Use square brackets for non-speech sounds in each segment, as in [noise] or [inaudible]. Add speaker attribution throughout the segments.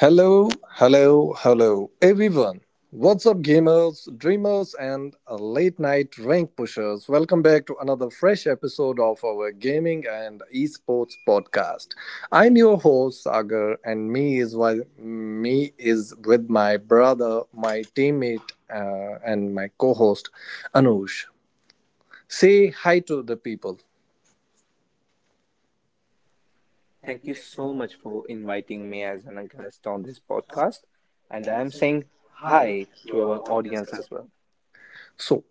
Speaker 1: Hello, hello, hello, everyone. What's up, gamers, dreamers, and late night rank pushers? Welcome back to another fresh episode of our gaming and esports podcast. I'm your host, Sagar, and me is why me is with my brother, my teammate, and my co host, Anush. Say hi to the people.
Speaker 2: Thank you so much for inviting me as an guest on this podcast. And I'm saying hi to our audience as well.
Speaker 1: So,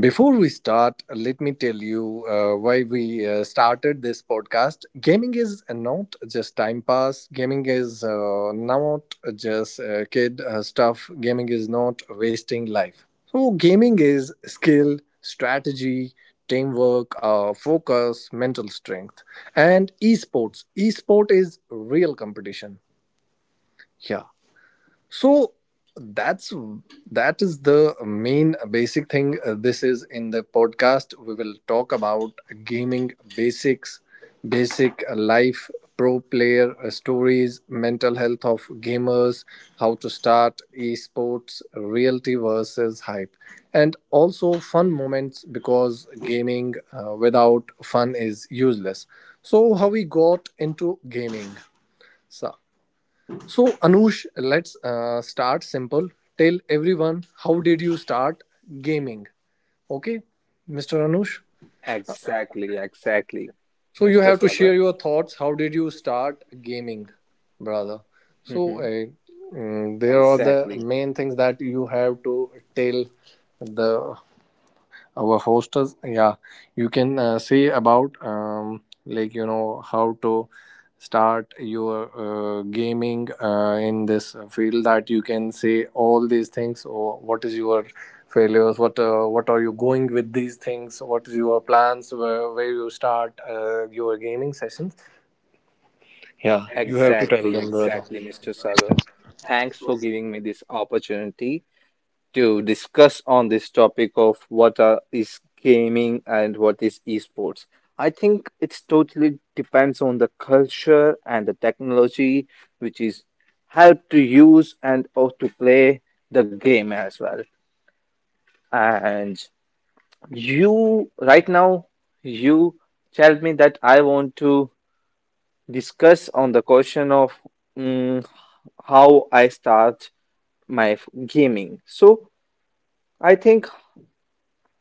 Speaker 1: Before we start, let me tell you why we started this podcast. Gaming is not just time pass. Gaming is not just kid stuff. Gaming is not wasting life. So, gaming is skill, strategy, teamwork, focus, mental strength, and esports. Esport is real competition. Yeah, so that's that is the main basic thing. This is in the podcast. We will talk about gaming basics, basic life, pro player stories, mental health of gamers, how to start esports, reality versus hype, and also fun moments, because gaming without fun is useless. So how we got into gaming, sir? So, Anush, let's start simple. Tell everyone, how did you start gaming? Okay, Mr. Anush.
Speaker 2: Exactly, exactly,
Speaker 1: So you
Speaker 2: Mr.
Speaker 1: have to
Speaker 2: Sagar.
Speaker 1: share your thoughts. How did you start gaming, brother? So
Speaker 2: Mhm.
Speaker 1: uh, there are the
Speaker 2: Exactly,
Speaker 1: main things that you have to tell the our hostess. Yeah, you can say about, like, you know, how to start your gaming in this field. That you can say all these things, or what is your failures, what are you going with these things, what is your plans, where you start your gaming sessions. Yeah, you have to tell
Speaker 2: exactly,
Speaker 1: them that.
Speaker 2: exactly, Mr. Sagar. Thanks for giving me this opportunity to discuss on this topic of what is gaming and what is esports. I think it's totally depends on the culture and the technology which is how to use and or to play the game as well. And you right now you tell me that I want to discuss on the question of mm, how I start my gaming. So I think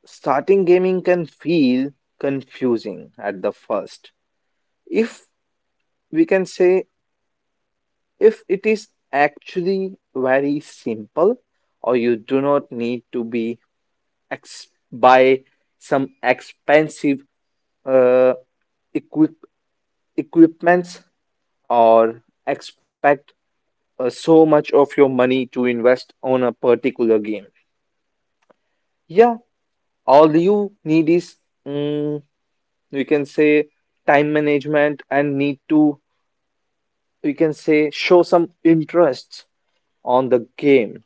Speaker 2: starting gaming can feel confusing at the first. If we can say, if it is actually very simple, or you do not need to be buy some expensive uh, equip equipments or expect so much of your money to invest on a particular game. Yeah, all you need is mm, you can say time management and need to we can say show some interest on the game.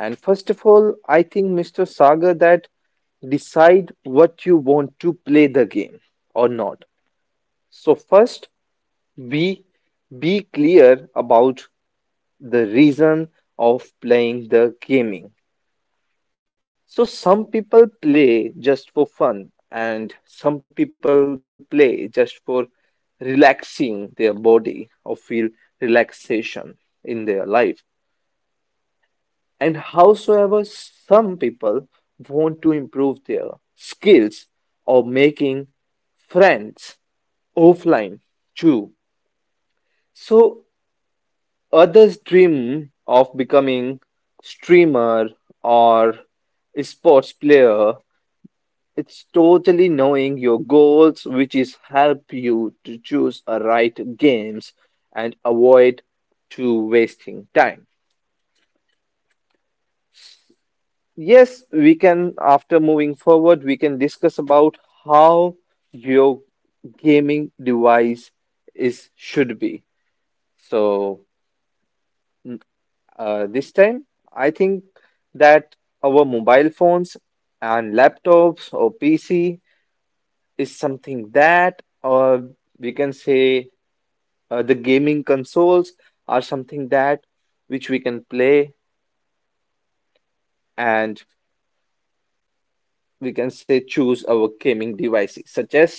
Speaker 2: And first of all, I think Mr. Sagar, that decide what you want to play the game or not. So first, be be clear about the reason of playing the gaming. So some people play just for fun and some people play just for relaxing their body or feel relaxation in their life. And howsoever some people want to improve their skills or making friends offline too. So others dream of becoming streamer or sports player. It's totally knowing your goals which is help you to choose a right games and avoid to wasting time. Yes, we can, after moving forward, we can discuss about how your gaming device is should be. So, mm, this time, I think that our mobile phones and laptops or PC is something that, or we can say, the gaming consoles are something that which we can play. And we can say choose our gaming devices such as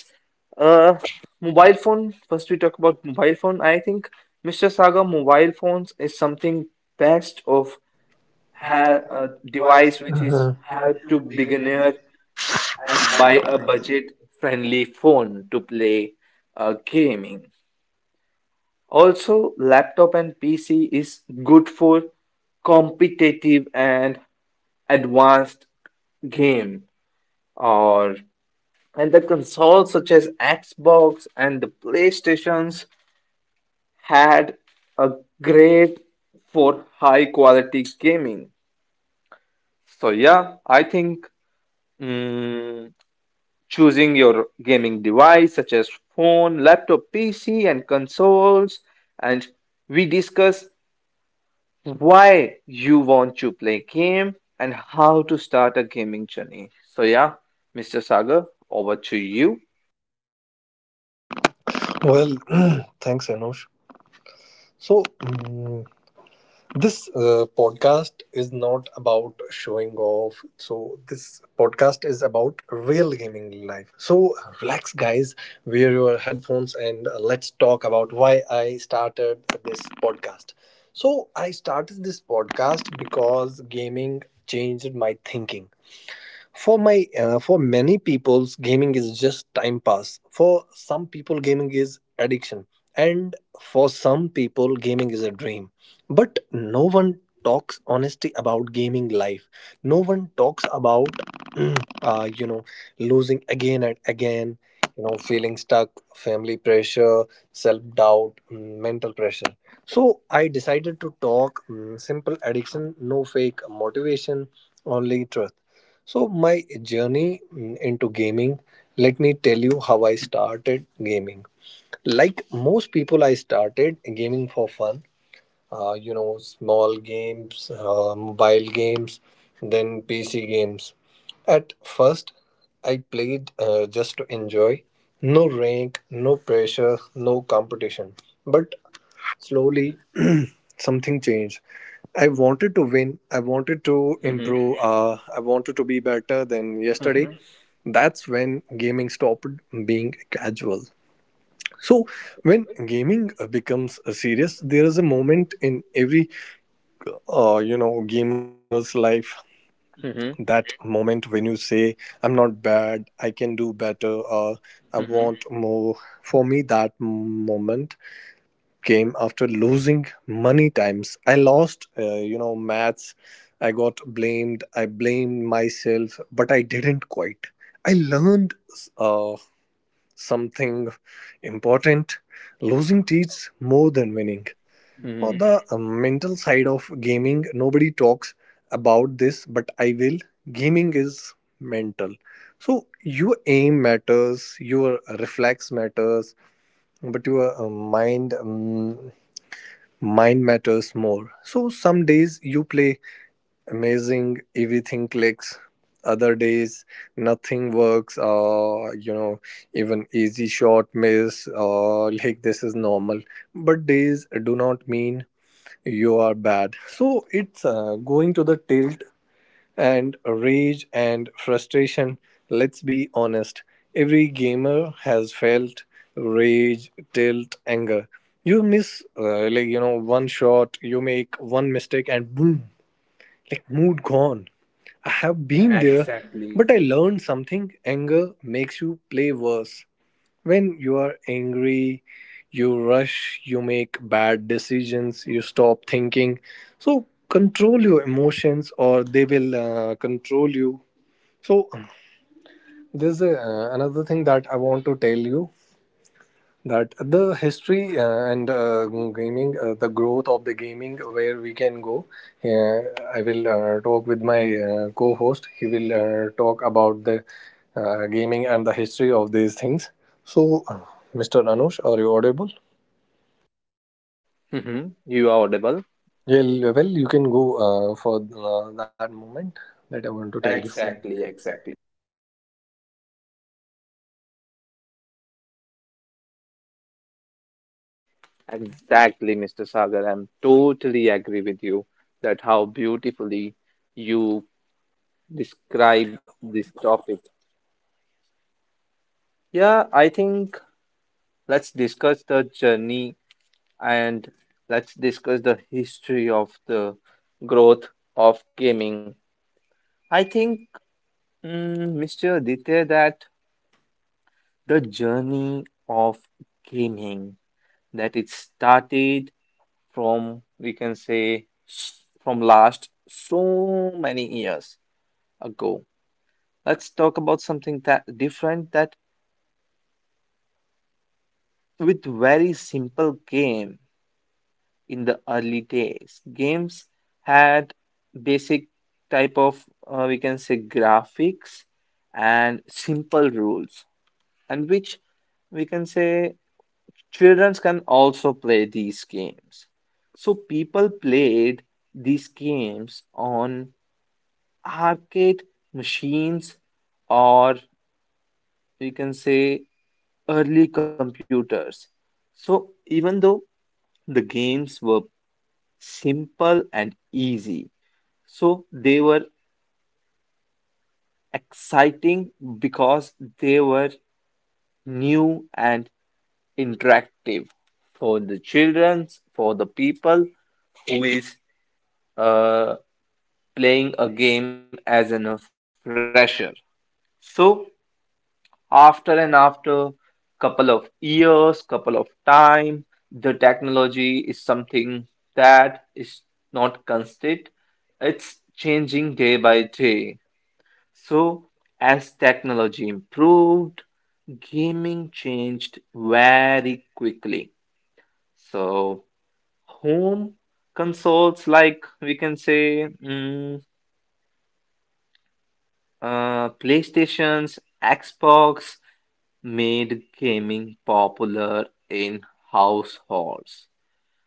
Speaker 2: uh mobile phone. First we talk about mobile phone. I think Mr. Saga, mobile phones is something best of a device which is
Speaker 1: Mhm.
Speaker 2: help to beginner, and buy a budget friendly phone to play gaming. Also laptop and PC is good for competitive and advanced game, or and the consoles such as Xbox and the PlayStations had a great for high quality gaming. So yeah, I think mm, choosing your gaming device such as phone, laptop, PC, and consoles, and we discuss why you want to play game and how to start a gaming journey. So yeah, Mr. Sagar, over to you.
Speaker 1: Well, [clears throat] thanks, Anush. So this podcast is not about showing off. So, this podcast is about real gaming life. So, relax, guys, wear your headphones, and let's talk about why I started this podcast. So, I started this podcast because gaming changed my thinking. For many people's, gaming is just time pass. For some people, gaming is addiction, and for some people, gaming is a dream. But no one talks honesty about gaming life. No one talks about, mm, you know, losing again and again, you know, feeling stuck, family pressure, self-doubt, mental pressure. So I decided to talk simple addiction, no fake motivation, only truth. So my journey into gaming, let me tell you how I started gaming. Like most people, I started gaming for fun. You know, small games, mobile games, then PC games. At first, I played just to enjoy. No rank, no pressure, no competition. But slowly something changed. I wanted to win. I wanted to
Speaker 2: Hmm.
Speaker 1: improve. I wanted to be better than yesterday.
Speaker 2: Hmm.
Speaker 1: That's when gaming stopped being casual. So, when gaming becomes serious, there is a moment in every, you know, gamer's life.
Speaker 2: Hmm.
Speaker 1: That moment when you say, "I'm not bad. I can do better. I
Speaker 2: Hmm.
Speaker 1: want more." For me, that moment came after losing many times. I lost, you know, maths. I got blamed. I blamed myself, but I didn't quit. I learned uh, something important. Losing teaches more than winning. For
Speaker 2: Mm-hmm.
Speaker 1: the mental side of gaming, nobody talks about this, but I will. Gaming is mental. So your aim matters, your reflex matters, but your mind matters more. So some days you play amazing, everything clicks. Other days nothing works, or, you know, even easy shot miss, or like, this is normal. But days do not mean you are bad. So it's going to the tilt and rage and frustration. Let's be honest, every gamer has felt rage, tilt, anger. You miss, like, you know, one shot, you make one mistake, and boom, like, mood gone. I have been there, but I learned something: anger makes you play worse. When you are angry, you rush, you make bad decisions, you stop thinking. So, control your emotions or they will control you. So, this is another thing that I want to tell you, that the history and gaming, the growth of the gaming, where we can go. uh, I will talk with my co-host. He will talk about the gaming and the history of these things. So, Mr. Anush, are you audible?
Speaker 2: Mm-hmm. You are audible?
Speaker 1: Yeah, well, you can go for that moment that I want to tell you.
Speaker 2: Exactly, exactly. Exactly, Mr. Sagar. I'm totally agree with you that how beautifully you describe this topic. Yeah, I think let's discuss the journey, and let's discuss the history of the growth of gaming. I think, Mr. Aditya, that the journey of gaming that it started from we can say from last so many years ago. Let's talk about something that different, that with very simple game in the early days. Games had basic type of we can say graphics and simple rules, and which we can say children can also play these games. So people played these games on arcade machines or we can say early computers. So even though the games were simple and easy, so they were exciting because they were new and interactive for the children, for the people who is uh, playing a game as an a fresher. So after and after, couple of years, couple of time, the technology is something that is not constant. It's changing day by day. So as technology improved, gaming changed very quickly. So home consoles like we can say uh, PlayStation's Xbox made gaming popular in households.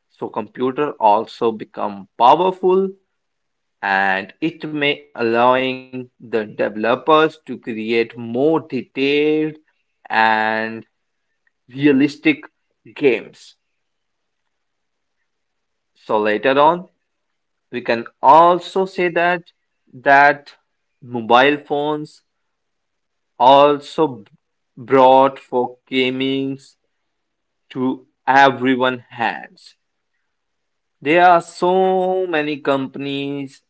Speaker 2: So computer also become powerful and it may allowing the developers to create more detailed and realistic games. So later on we can also say that that mobile phones also brought for gamings to everyone hands. There are so many companies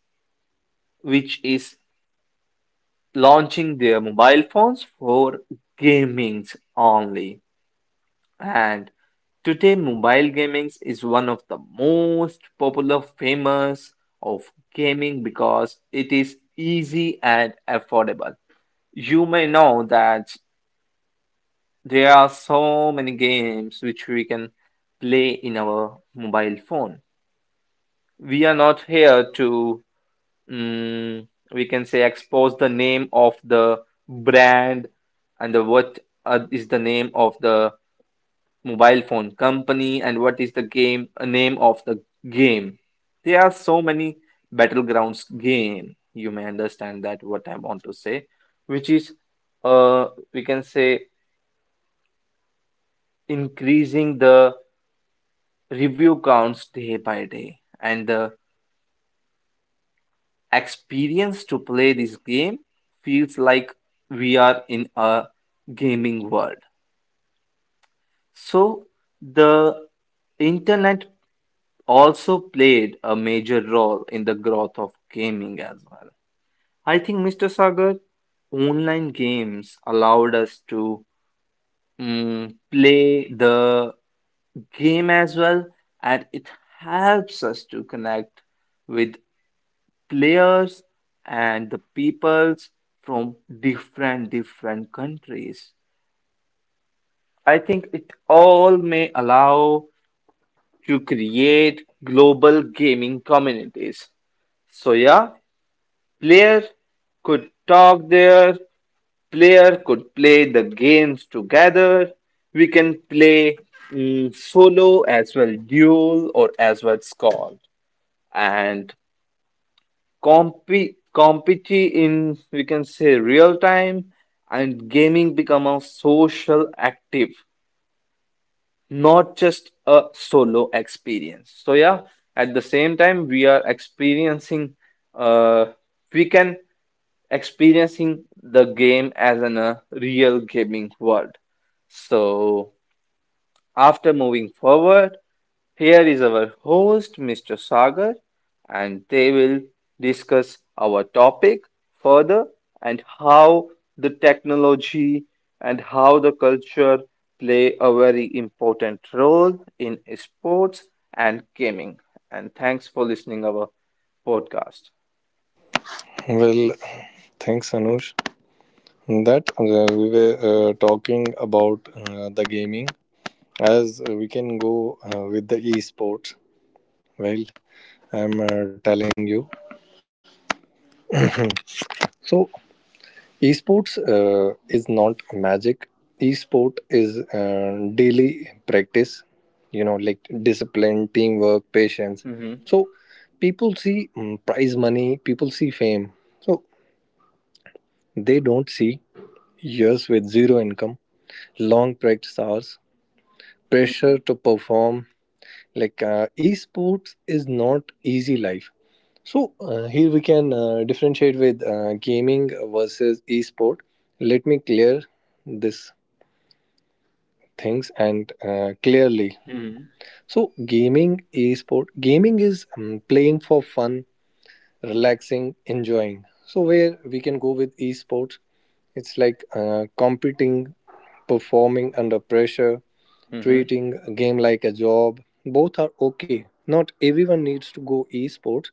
Speaker 2: which is launching their mobile phones for gamings only. And today mobile gamings is one of the most popular famous of gaming because it is easy and affordable. You may know that there are so many games which we can play in our mobile phone. We are not here to, we can say, expose the name of the brand and the, what is the name of the mobile phone company and what is the game name of the game. There are so many battlegrounds game. You may understand that what I want to say, which is, we can say, increasing the review counts day by day, and the experience to play this game feels like we are in a gaming world. So, the internet also played a major role in the growth of gaming as well. I think, Mr. Sagar, online games allowed us to play the game as well, and it helps us to connect with players and the peoples from different different countries. I think it all may allow to create global gaming communities. So yeah, player could talk there, player could play the games together. We can play solo as well, duel or as well squad. And compete in we can say real time, and gaming become a social active, not just a solo experience. So yeah, at the same time we are experiencing uh, we can experiencing the game as in a real gaming world. So after moving forward, here is our host, Mr. Sagar, and they will discuss our topic further, and how the technology and how the culture play a very important role in sports and gaming. And thanks for listening our podcast.
Speaker 1: Well, thanks, Anush. That we were talking about the gaming. As we can go with the esports, well, I'm telling you, so esports is not magic. Esport is daily practice, you know, like discipline, teamwork, patience.
Speaker 2: Hmm.
Speaker 1: So people see, prize money, people see fame. So they don't see years with zero income, long practice hours, pressure to perform. Like esports is not easy life. So here we can differentiate with gaming versus esport. Let me clear this things and clearly.
Speaker 2: Hmm.
Speaker 1: So gaming, esport, gaming is playing for fun, relaxing, enjoying. So where we can go with esports, it's like competing, performing under pressure,
Speaker 2: Hmm.
Speaker 1: treating a game like a job. Both are okay. Not everyone needs to go esports.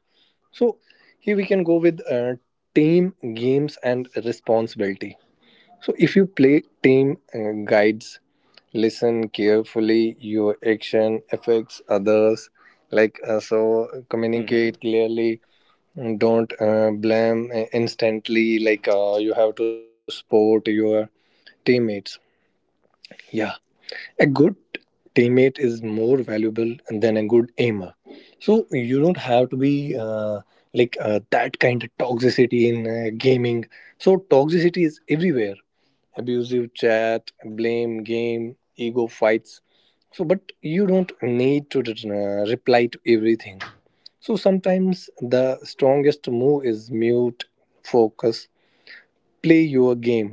Speaker 1: So here we can go with team games and responsibility. So if you play team guides, listen carefully. Your action affects others. Like communicate
Speaker 2: Hmm.
Speaker 1: clearly. Don't blame instantly. Like you have to support your teammates. Yeah, a good teammate is more valuable than a good aimer. So you don't have to be that kind of toxicity in gaming. So toxicity is everywhere. Abusive chat, blame game, ego fights. So but you don't need to reply to everything. So sometimes the strongest move is mute, focus, play your game.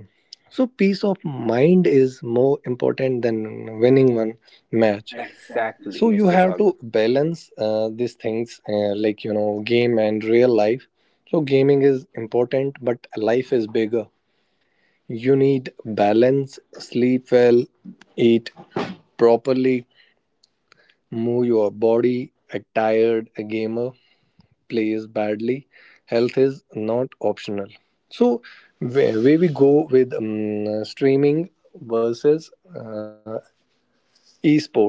Speaker 1: So peace of mind is more important than winning one match.
Speaker 2: Exactly,
Speaker 1: So you
Speaker 2: Mr.
Speaker 1: have to
Speaker 2: Sagar.
Speaker 1: balance these things, like you know, game and real life. So gaming is important, but life is bigger. You need balance, sleep well, eat properly, move your body. A tired gamer plays badly, health is not optional. So, where we go with, streaming versus uh, esports.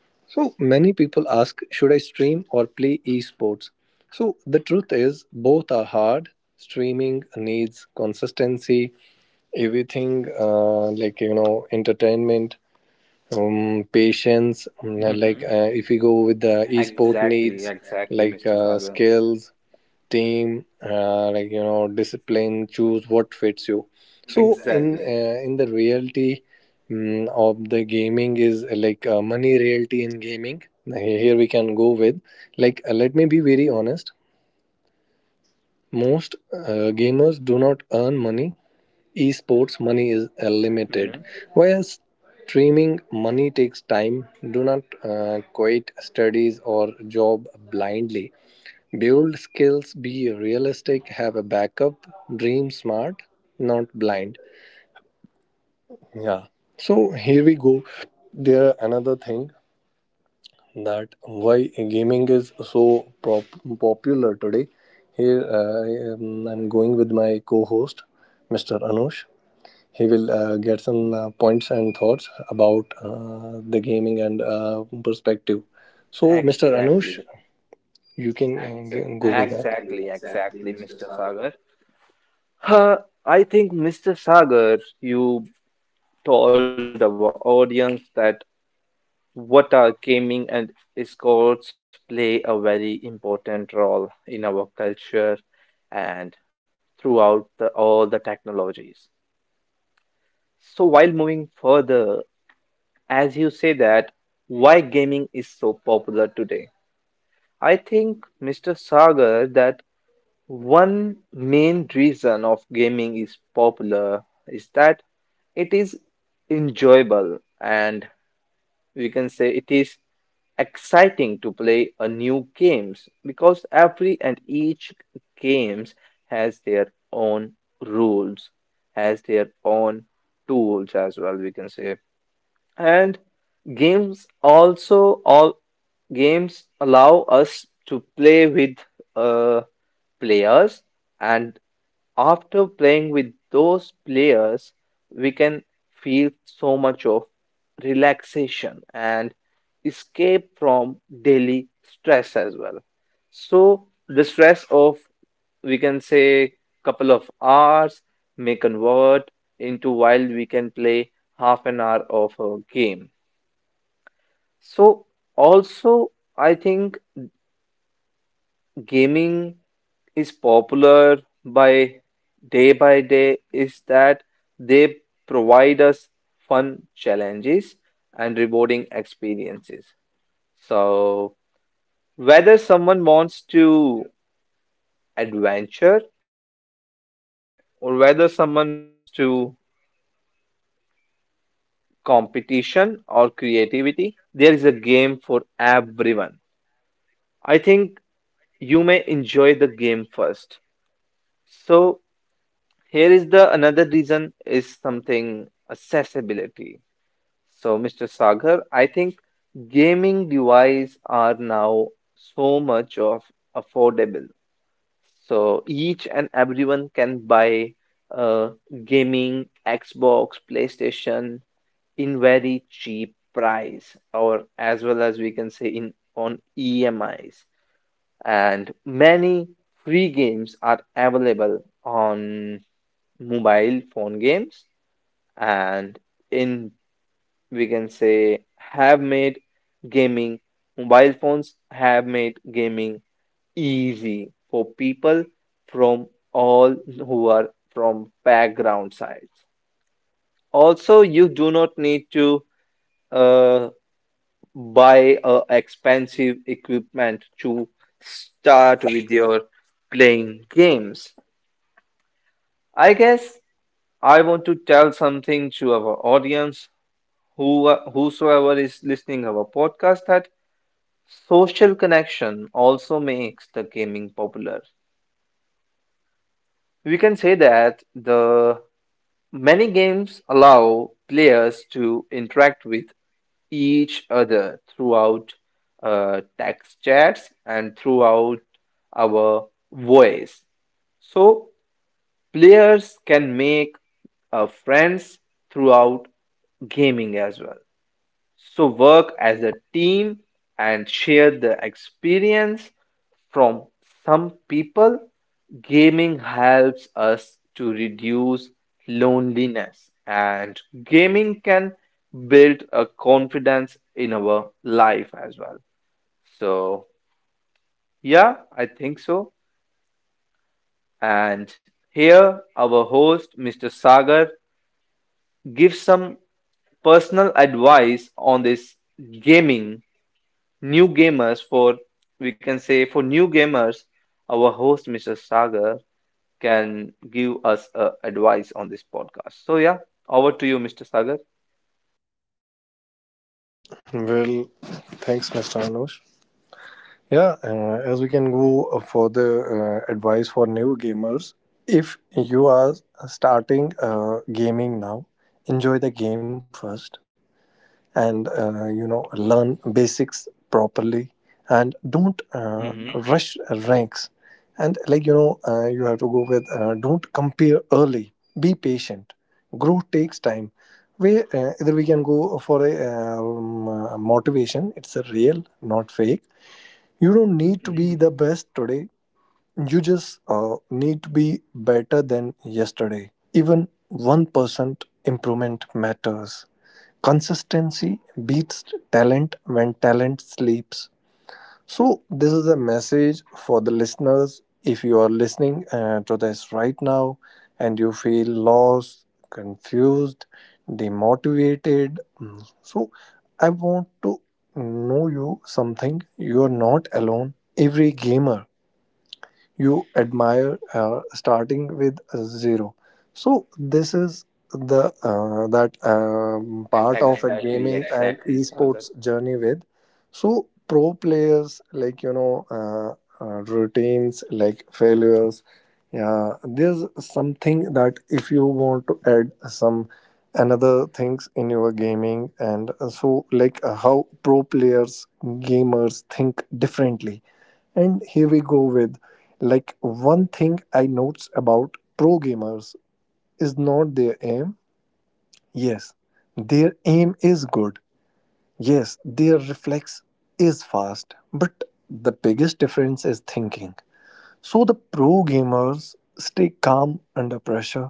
Speaker 1: So, many people ask, should I stream or play esports? So, the truth is, both are hard. Streaming needs consistency, everything, like, you know, entertainment, patience. Like,
Speaker 2: Hmm.
Speaker 1: if we go with the esport
Speaker 2: Exactly,
Speaker 1: needs,
Speaker 2: exactly,
Speaker 1: like
Speaker 2: Mr. Sagar.
Speaker 1: skills, team, like you know, discipline. Choose what fits you. So in
Speaker 2: Exactly.
Speaker 1: in the reality of the gaming is money reality in gaming. Here we can go with, like, let me be very honest, most gamers do not earn money. Esports money is limited,
Speaker 2: Hmm.
Speaker 1: whereas streaming money takes time. Do not quit studies or job blindly. Build skills, be realistic, have a backup, dream smart, not blind. Yeah. So here we go. There another thing, that why gaming is so popular today. Here, I'm going with my co-host, Mr. Anush. He will get some points and thoughts about the gaming and perspective. So, Mr. Anush,
Speaker 2: Exactly.
Speaker 1: you can go with that.
Speaker 2: Exactly. Exactly, Mr. Sagar. Huh, I think, Mr. Sagar, you told our audience that what are gaming and esports play a very important role in our culture and throughout the, all the technologies. So, while moving further, as you say that, why gaming is so popular today? I think, Mr. Sagar, that one main reason of gaming is popular is that it is enjoyable, and we can say it is exciting to play a new games because every and each games has their own rules, has their own tools as well we can say. And games also all games allow us to play with uh, players, and after playing with those players we can feel so much of relaxation and escape from daily stress as well. So the stress of we can say couple of hours may convert into while we can play half an hour of a game. So also I think gaming is popular by by day is that they provide us fun challenges and rewarding experiences. So whether someone wants to adventure, or whether someone wants to competition or creativity, there is a game for everyone. I think you may enjoy the game first. So here is the another reason is something accessibility. So Mr. Sagar, I think gaming devices are now so much of affordable. So each and everyone can buy uh, gaming, Xbox, PlayStation in very cheap price, or as well as we can say in on EMIs. And many free games are available on mobile phone games, and in we can say have made gaming mobile phones have made gaming easy for people from all who are from background sides. Also, you do not need to uh, buy expensive equipment to start with your playing games. I guess I want to tell something to our audience, who whosoever is listening our podcast, that social connection also makes the gaming popular. We can say that the many games allow players to interact with each other throughout text chats and throughout our voice. So players can make friends throughout gaming as well. So work as a team and share the experience from some people. Gaming helps us to reduce loneliness, and gaming can build a confidence in our life as well. So, yeah, I think so. And here, our host, Mr. Sagar, gives some personal advice on this gaming. New gamers for We can say for new gamers, our host Mr. Sagar can give us advice on this podcast. So yeah, over to you, Mr. Sagar.
Speaker 1: Well, thanks, Mr. Anush. Yeah, as we can go for the advice for new gamers, if you are starting gaming now, enjoy the game first, and you know, learn basics properly, and don't
Speaker 2: Mm-hmm.
Speaker 1: rush ranks, and like, you know, you have to go with, don't compare early, be patient, growth takes time. We Either we can go for a, motivation, it's a real not fake. You don't need to be
Speaker 2: Mm-hmm.
Speaker 1: the best today, you just need to be better than yesterday. Even 1% improvement matters. Consistency beats talent when talent sleeps. So, this is a message for the listeners. If you are listening to this right now and you feel lost, confused, demotivated, so I want to know you something. You are not alone. Every gamer you admire starting with zero. So this is the, that part of a
Speaker 2: Exactly,
Speaker 1: gaming, and exactly.
Speaker 2: exactly, Sagar.
Speaker 1: Esports journey with, so pro players, like, you know, routines, like failures. Yeah, there's something that if you want to add some another things in your gaming. And So like, how pro players gamers think differently, and here we go with, like, one thing I notes about pro gamers is not their aim. Yes, their aim is good. Yes, their reflex is fast. But the biggest difference is thinking. So the pro gamers stay calm under pressure,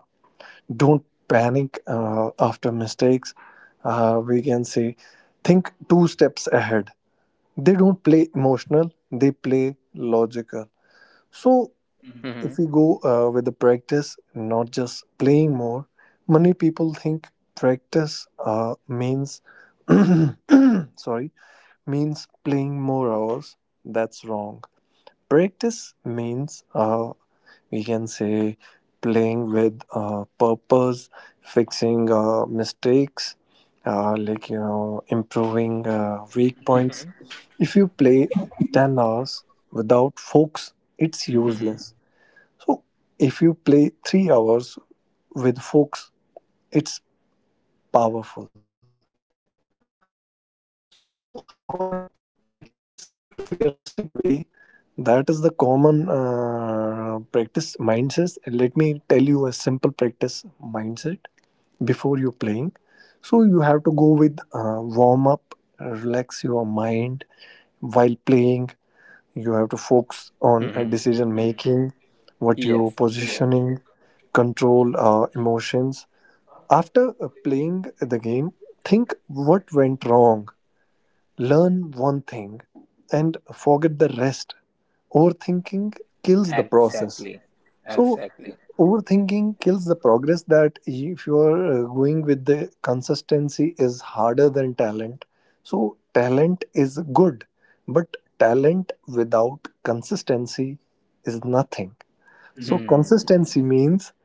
Speaker 1: don't panic after mistakes. We can say think two steps ahead. They don't play emotional, they play logical. So if
Speaker 2: Hmm.
Speaker 1: we go with the practice, not just playing more, many people think practice means [coughs] [clears throat] sorry means playing more hours. That's wrong. Practice means we can say playing with purpose, fixing mistakes, improving weak points.
Speaker 2: Mm-hmm.
Speaker 1: If you play 10 hours without focus, it's
Speaker 2: Mm-hmm.
Speaker 1: useless. So if you play 3 hours with folks, it's powerful. So how I practice realistic way, that is the common practice mindset. Let me tell you a simple practice mindset before you playing. So you have to go with warm up, relax your mind while playing. You have to focus on decision
Speaker 2: Mm-hmm.
Speaker 1: making, what you
Speaker 2: Yes.
Speaker 1: positioning, control emotions. After playing the game, think what went wrong, learn one thing, and forget the rest. Overthinking kills the
Speaker 2: ex-
Speaker 1: process. So, overthinking kills the progress, that if you are going with the consistency is harder than talent. So, talent is good, but talent without consistency is nothing. So
Speaker 2: Hmm.
Speaker 1: consistency means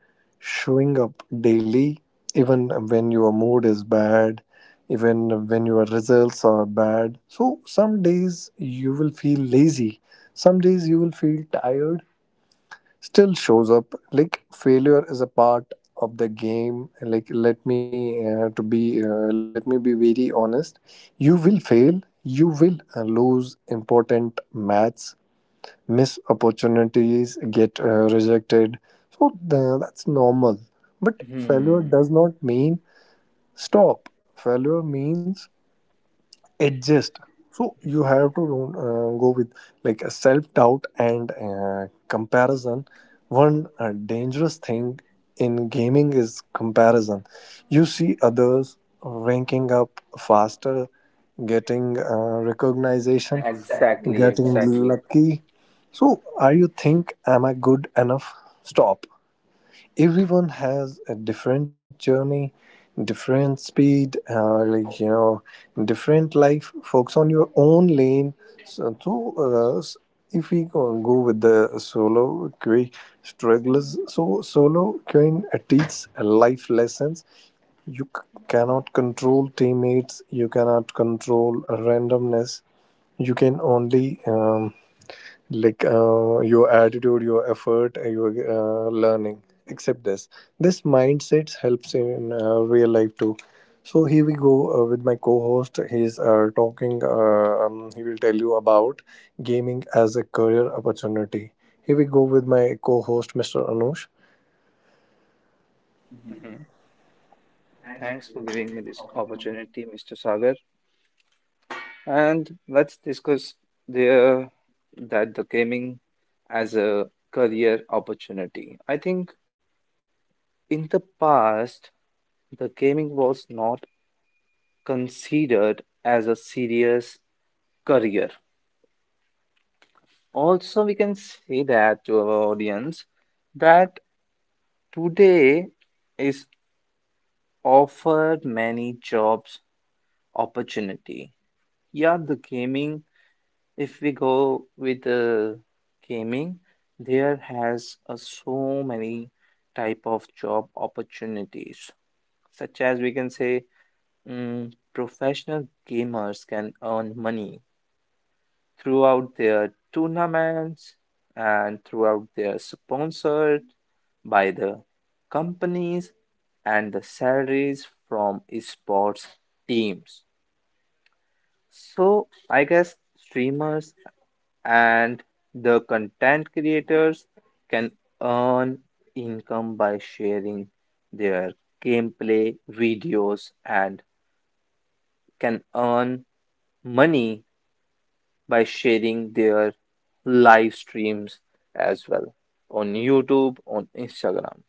Speaker 1: showing up daily, even when your mood is bad, even when your results are bad. So some days you will feel lazy, some days you will feel tired. Still shows up, like failure is a part of the game. Like let me be very honest. You will fail. You will lose important match, miss opportunities, get rejected. So that's normal. But failure does not mean stop. Failure means adjust. So you have to go with like a self doubt and comparison. One dangerous thing in gaming is comparison. You see others ranking up faster, getting recognition,
Speaker 2: ex-
Speaker 1: getting lucky. So, are you think, am I good enough? Stop. Everyone has a different journey, different speed, different life. Focus on your own lane. So, so, uh, s- if we go with the solo queen strugglers, so solo queen teaches life lessons. You cannot control teammates, you cannot control randomness. You can only your attitude, your effort, your learning. Except this, this mindset helps in real life too. So here we go with my co-host. He's talking. He will tell you about gaming as a career opportunity. Here we go with my co-host, Mr. Anush.
Speaker 2: Thanks for giving me this opportunity, Mr. Sagar. And let's discuss the the gaming as a career opportunity. I think in the past, the gaming was not considered as a serious career. Also, we can say that to our audience that today is offered many jobs opportunity. Yeah, the gaming, if we go with the gaming, there has so many type of job opportunities, such as we can say professional gamers can earn money throughout their tournaments and throughout their sponsored by the companies and the salaries from esports teams. So I guess streamers and the content creators can earn income by sharing their gameplay videos, and can earn money by sharing their live streams as well on YouTube, on Instagram.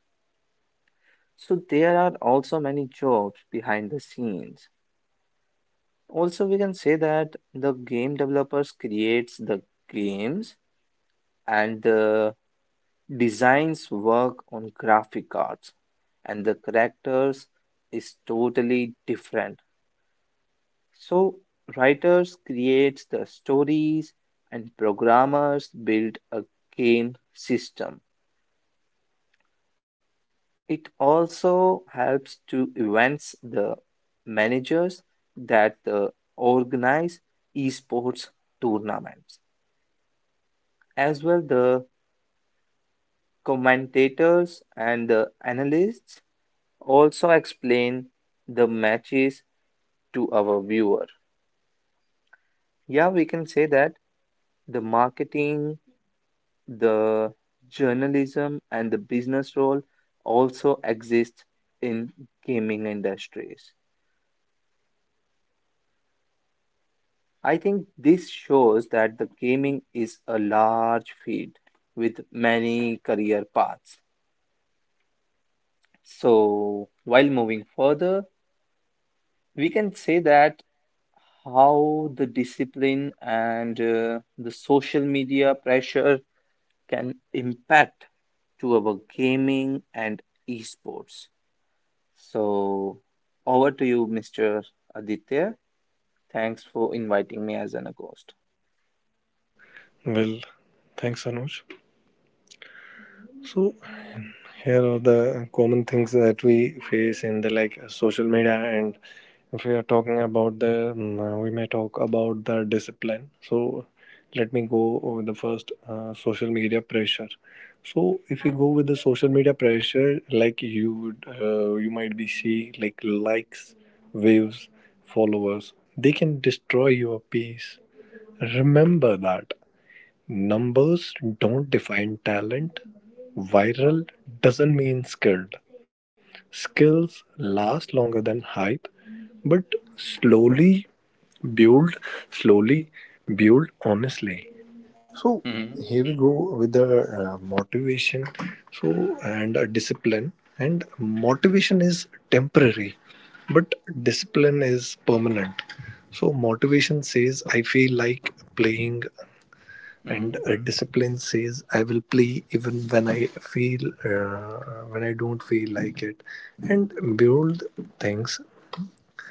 Speaker 2: So there are also many jobs behind the scenes. Also, we can say that the game developers creates the games, and the designs work on graphic cards and the characters is totally different. So writers create the stories and programmers build a game system. It also helps to events the managers that organize esports tournaments, as well the commentators and the analysts also explain the matches to our viewer. Yeah we can say that the marketing The journalism and the business role also exist in gaming industries. I think this shows that the gaming is a large field with many career paths. So, while moving further, we can say that how the discipline and the social media pressure can impact to our gaming and esports. So over to you, Mr. Aditya. Thanks for inviting me as an a
Speaker 1: Well, thanks, Anush. So here are the common things that we face in the like social media, and if we are talking about the, we may talk about the discipline. So, let me go over the first social media pressure. So, if you go with the social media pressure, like you would, you might be see like likes, waves, followers. They can destroy your peace. Remember that. Numbers don't define talent. Viral doesn't mean skilled. Skills last longer than hype, but slowly build, slowly build honestly. So
Speaker 2: Mm-hmm.
Speaker 1: here we go with the motivation. So and discipline and motivation is temporary, but discipline is permanent. So motivation says I feel like playing, and
Speaker 2: Mm-hmm.
Speaker 1: discipline says I will play even when I don't feel like it, and build things,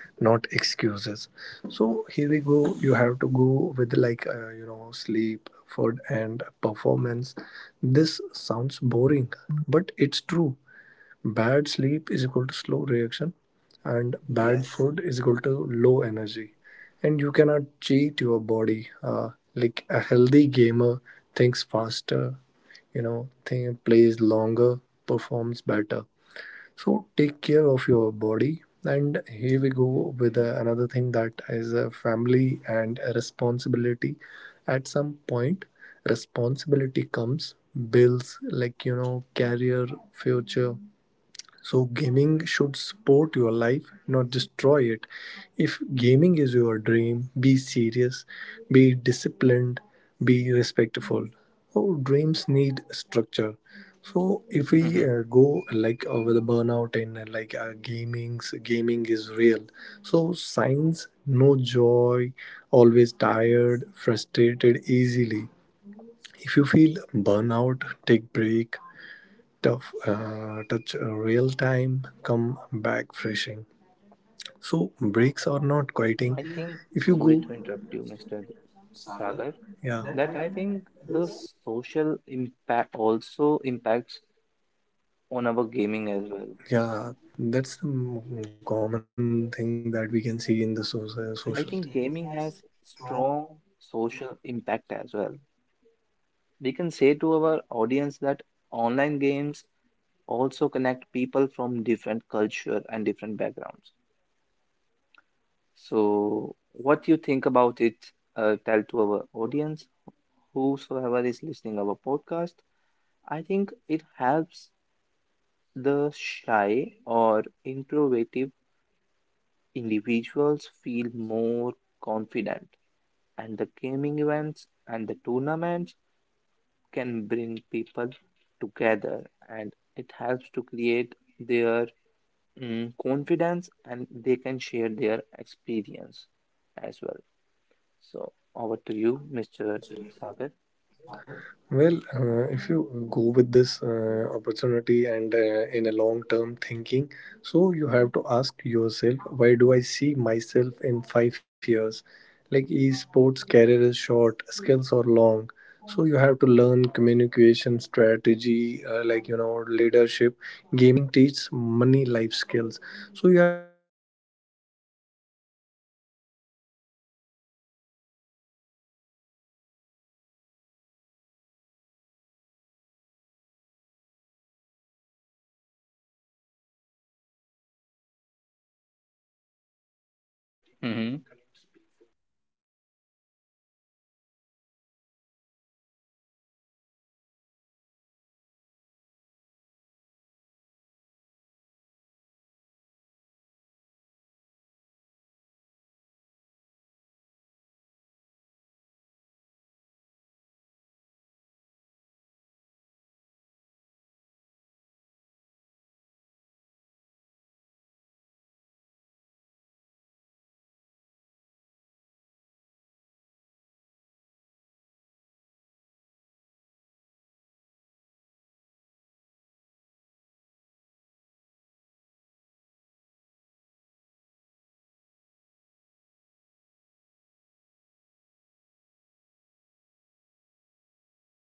Speaker 1: not excuses. So here we go, you have to go with sleep, food and performance. This sounds boring, but it's true. Bad sleep is equal to slow reaction, and bad
Speaker 2: Yes,
Speaker 1: food is equal to low energy. And you cannot cheat your body. Like a healthy gamer thinks faster, plays longer, performs better. So take care of your body. And here we go with another thing that is a family and a responsibility. At some point, responsibility comes, bills, career, future. So, gaming should support your life, not destroy it. If gaming is your dream, be serious, be disciplined, be respectful. Our dreams need structure. So, if we
Speaker 2: Mm-hmm.
Speaker 1: go like over the burnout and gaming is real. So, signs no joy, always tired, frustrated easily. If you feel burnout, take break, tough touch real time, come back freshing, so breaks are not quieting.
Speaker 2: I think,
Speaker 1: If you
Speaker 2: sorry
Speaker 1: go
Speaker 2: to interrupt you, Mr. Sagar,
Speaker 1: Yeah,
Speaker 2: that I think the social impact also impacts on our gaming as well.
Speaker 1: yeah, that's the common thing that we can see in the
Speaker 2: I
Speaker 1: social.
Speaker 2: think gaming has strong social impact as well. We can say to our audience that online games also connect people from different culture and different backgrounds. So, what you think about it, tell to our audience, whosoever is listening our podcast. I think it helps the shy or introverted individuals feel more confident, and the gaming events and the tournaments can bring people together, and it helps to create their confidence, and they can share their experience as well. So over to you, Mr. Sagar.
Speaker 1: Well, if you go with this opportunity and in a long term thinking, so you have to ask yourself, why do I see myself in 5 years? Like esports career is short, skills are long. So you have to learn communication strategy, leadership. Gaming teach
Speaker 2: Mm-hmm. Hmm.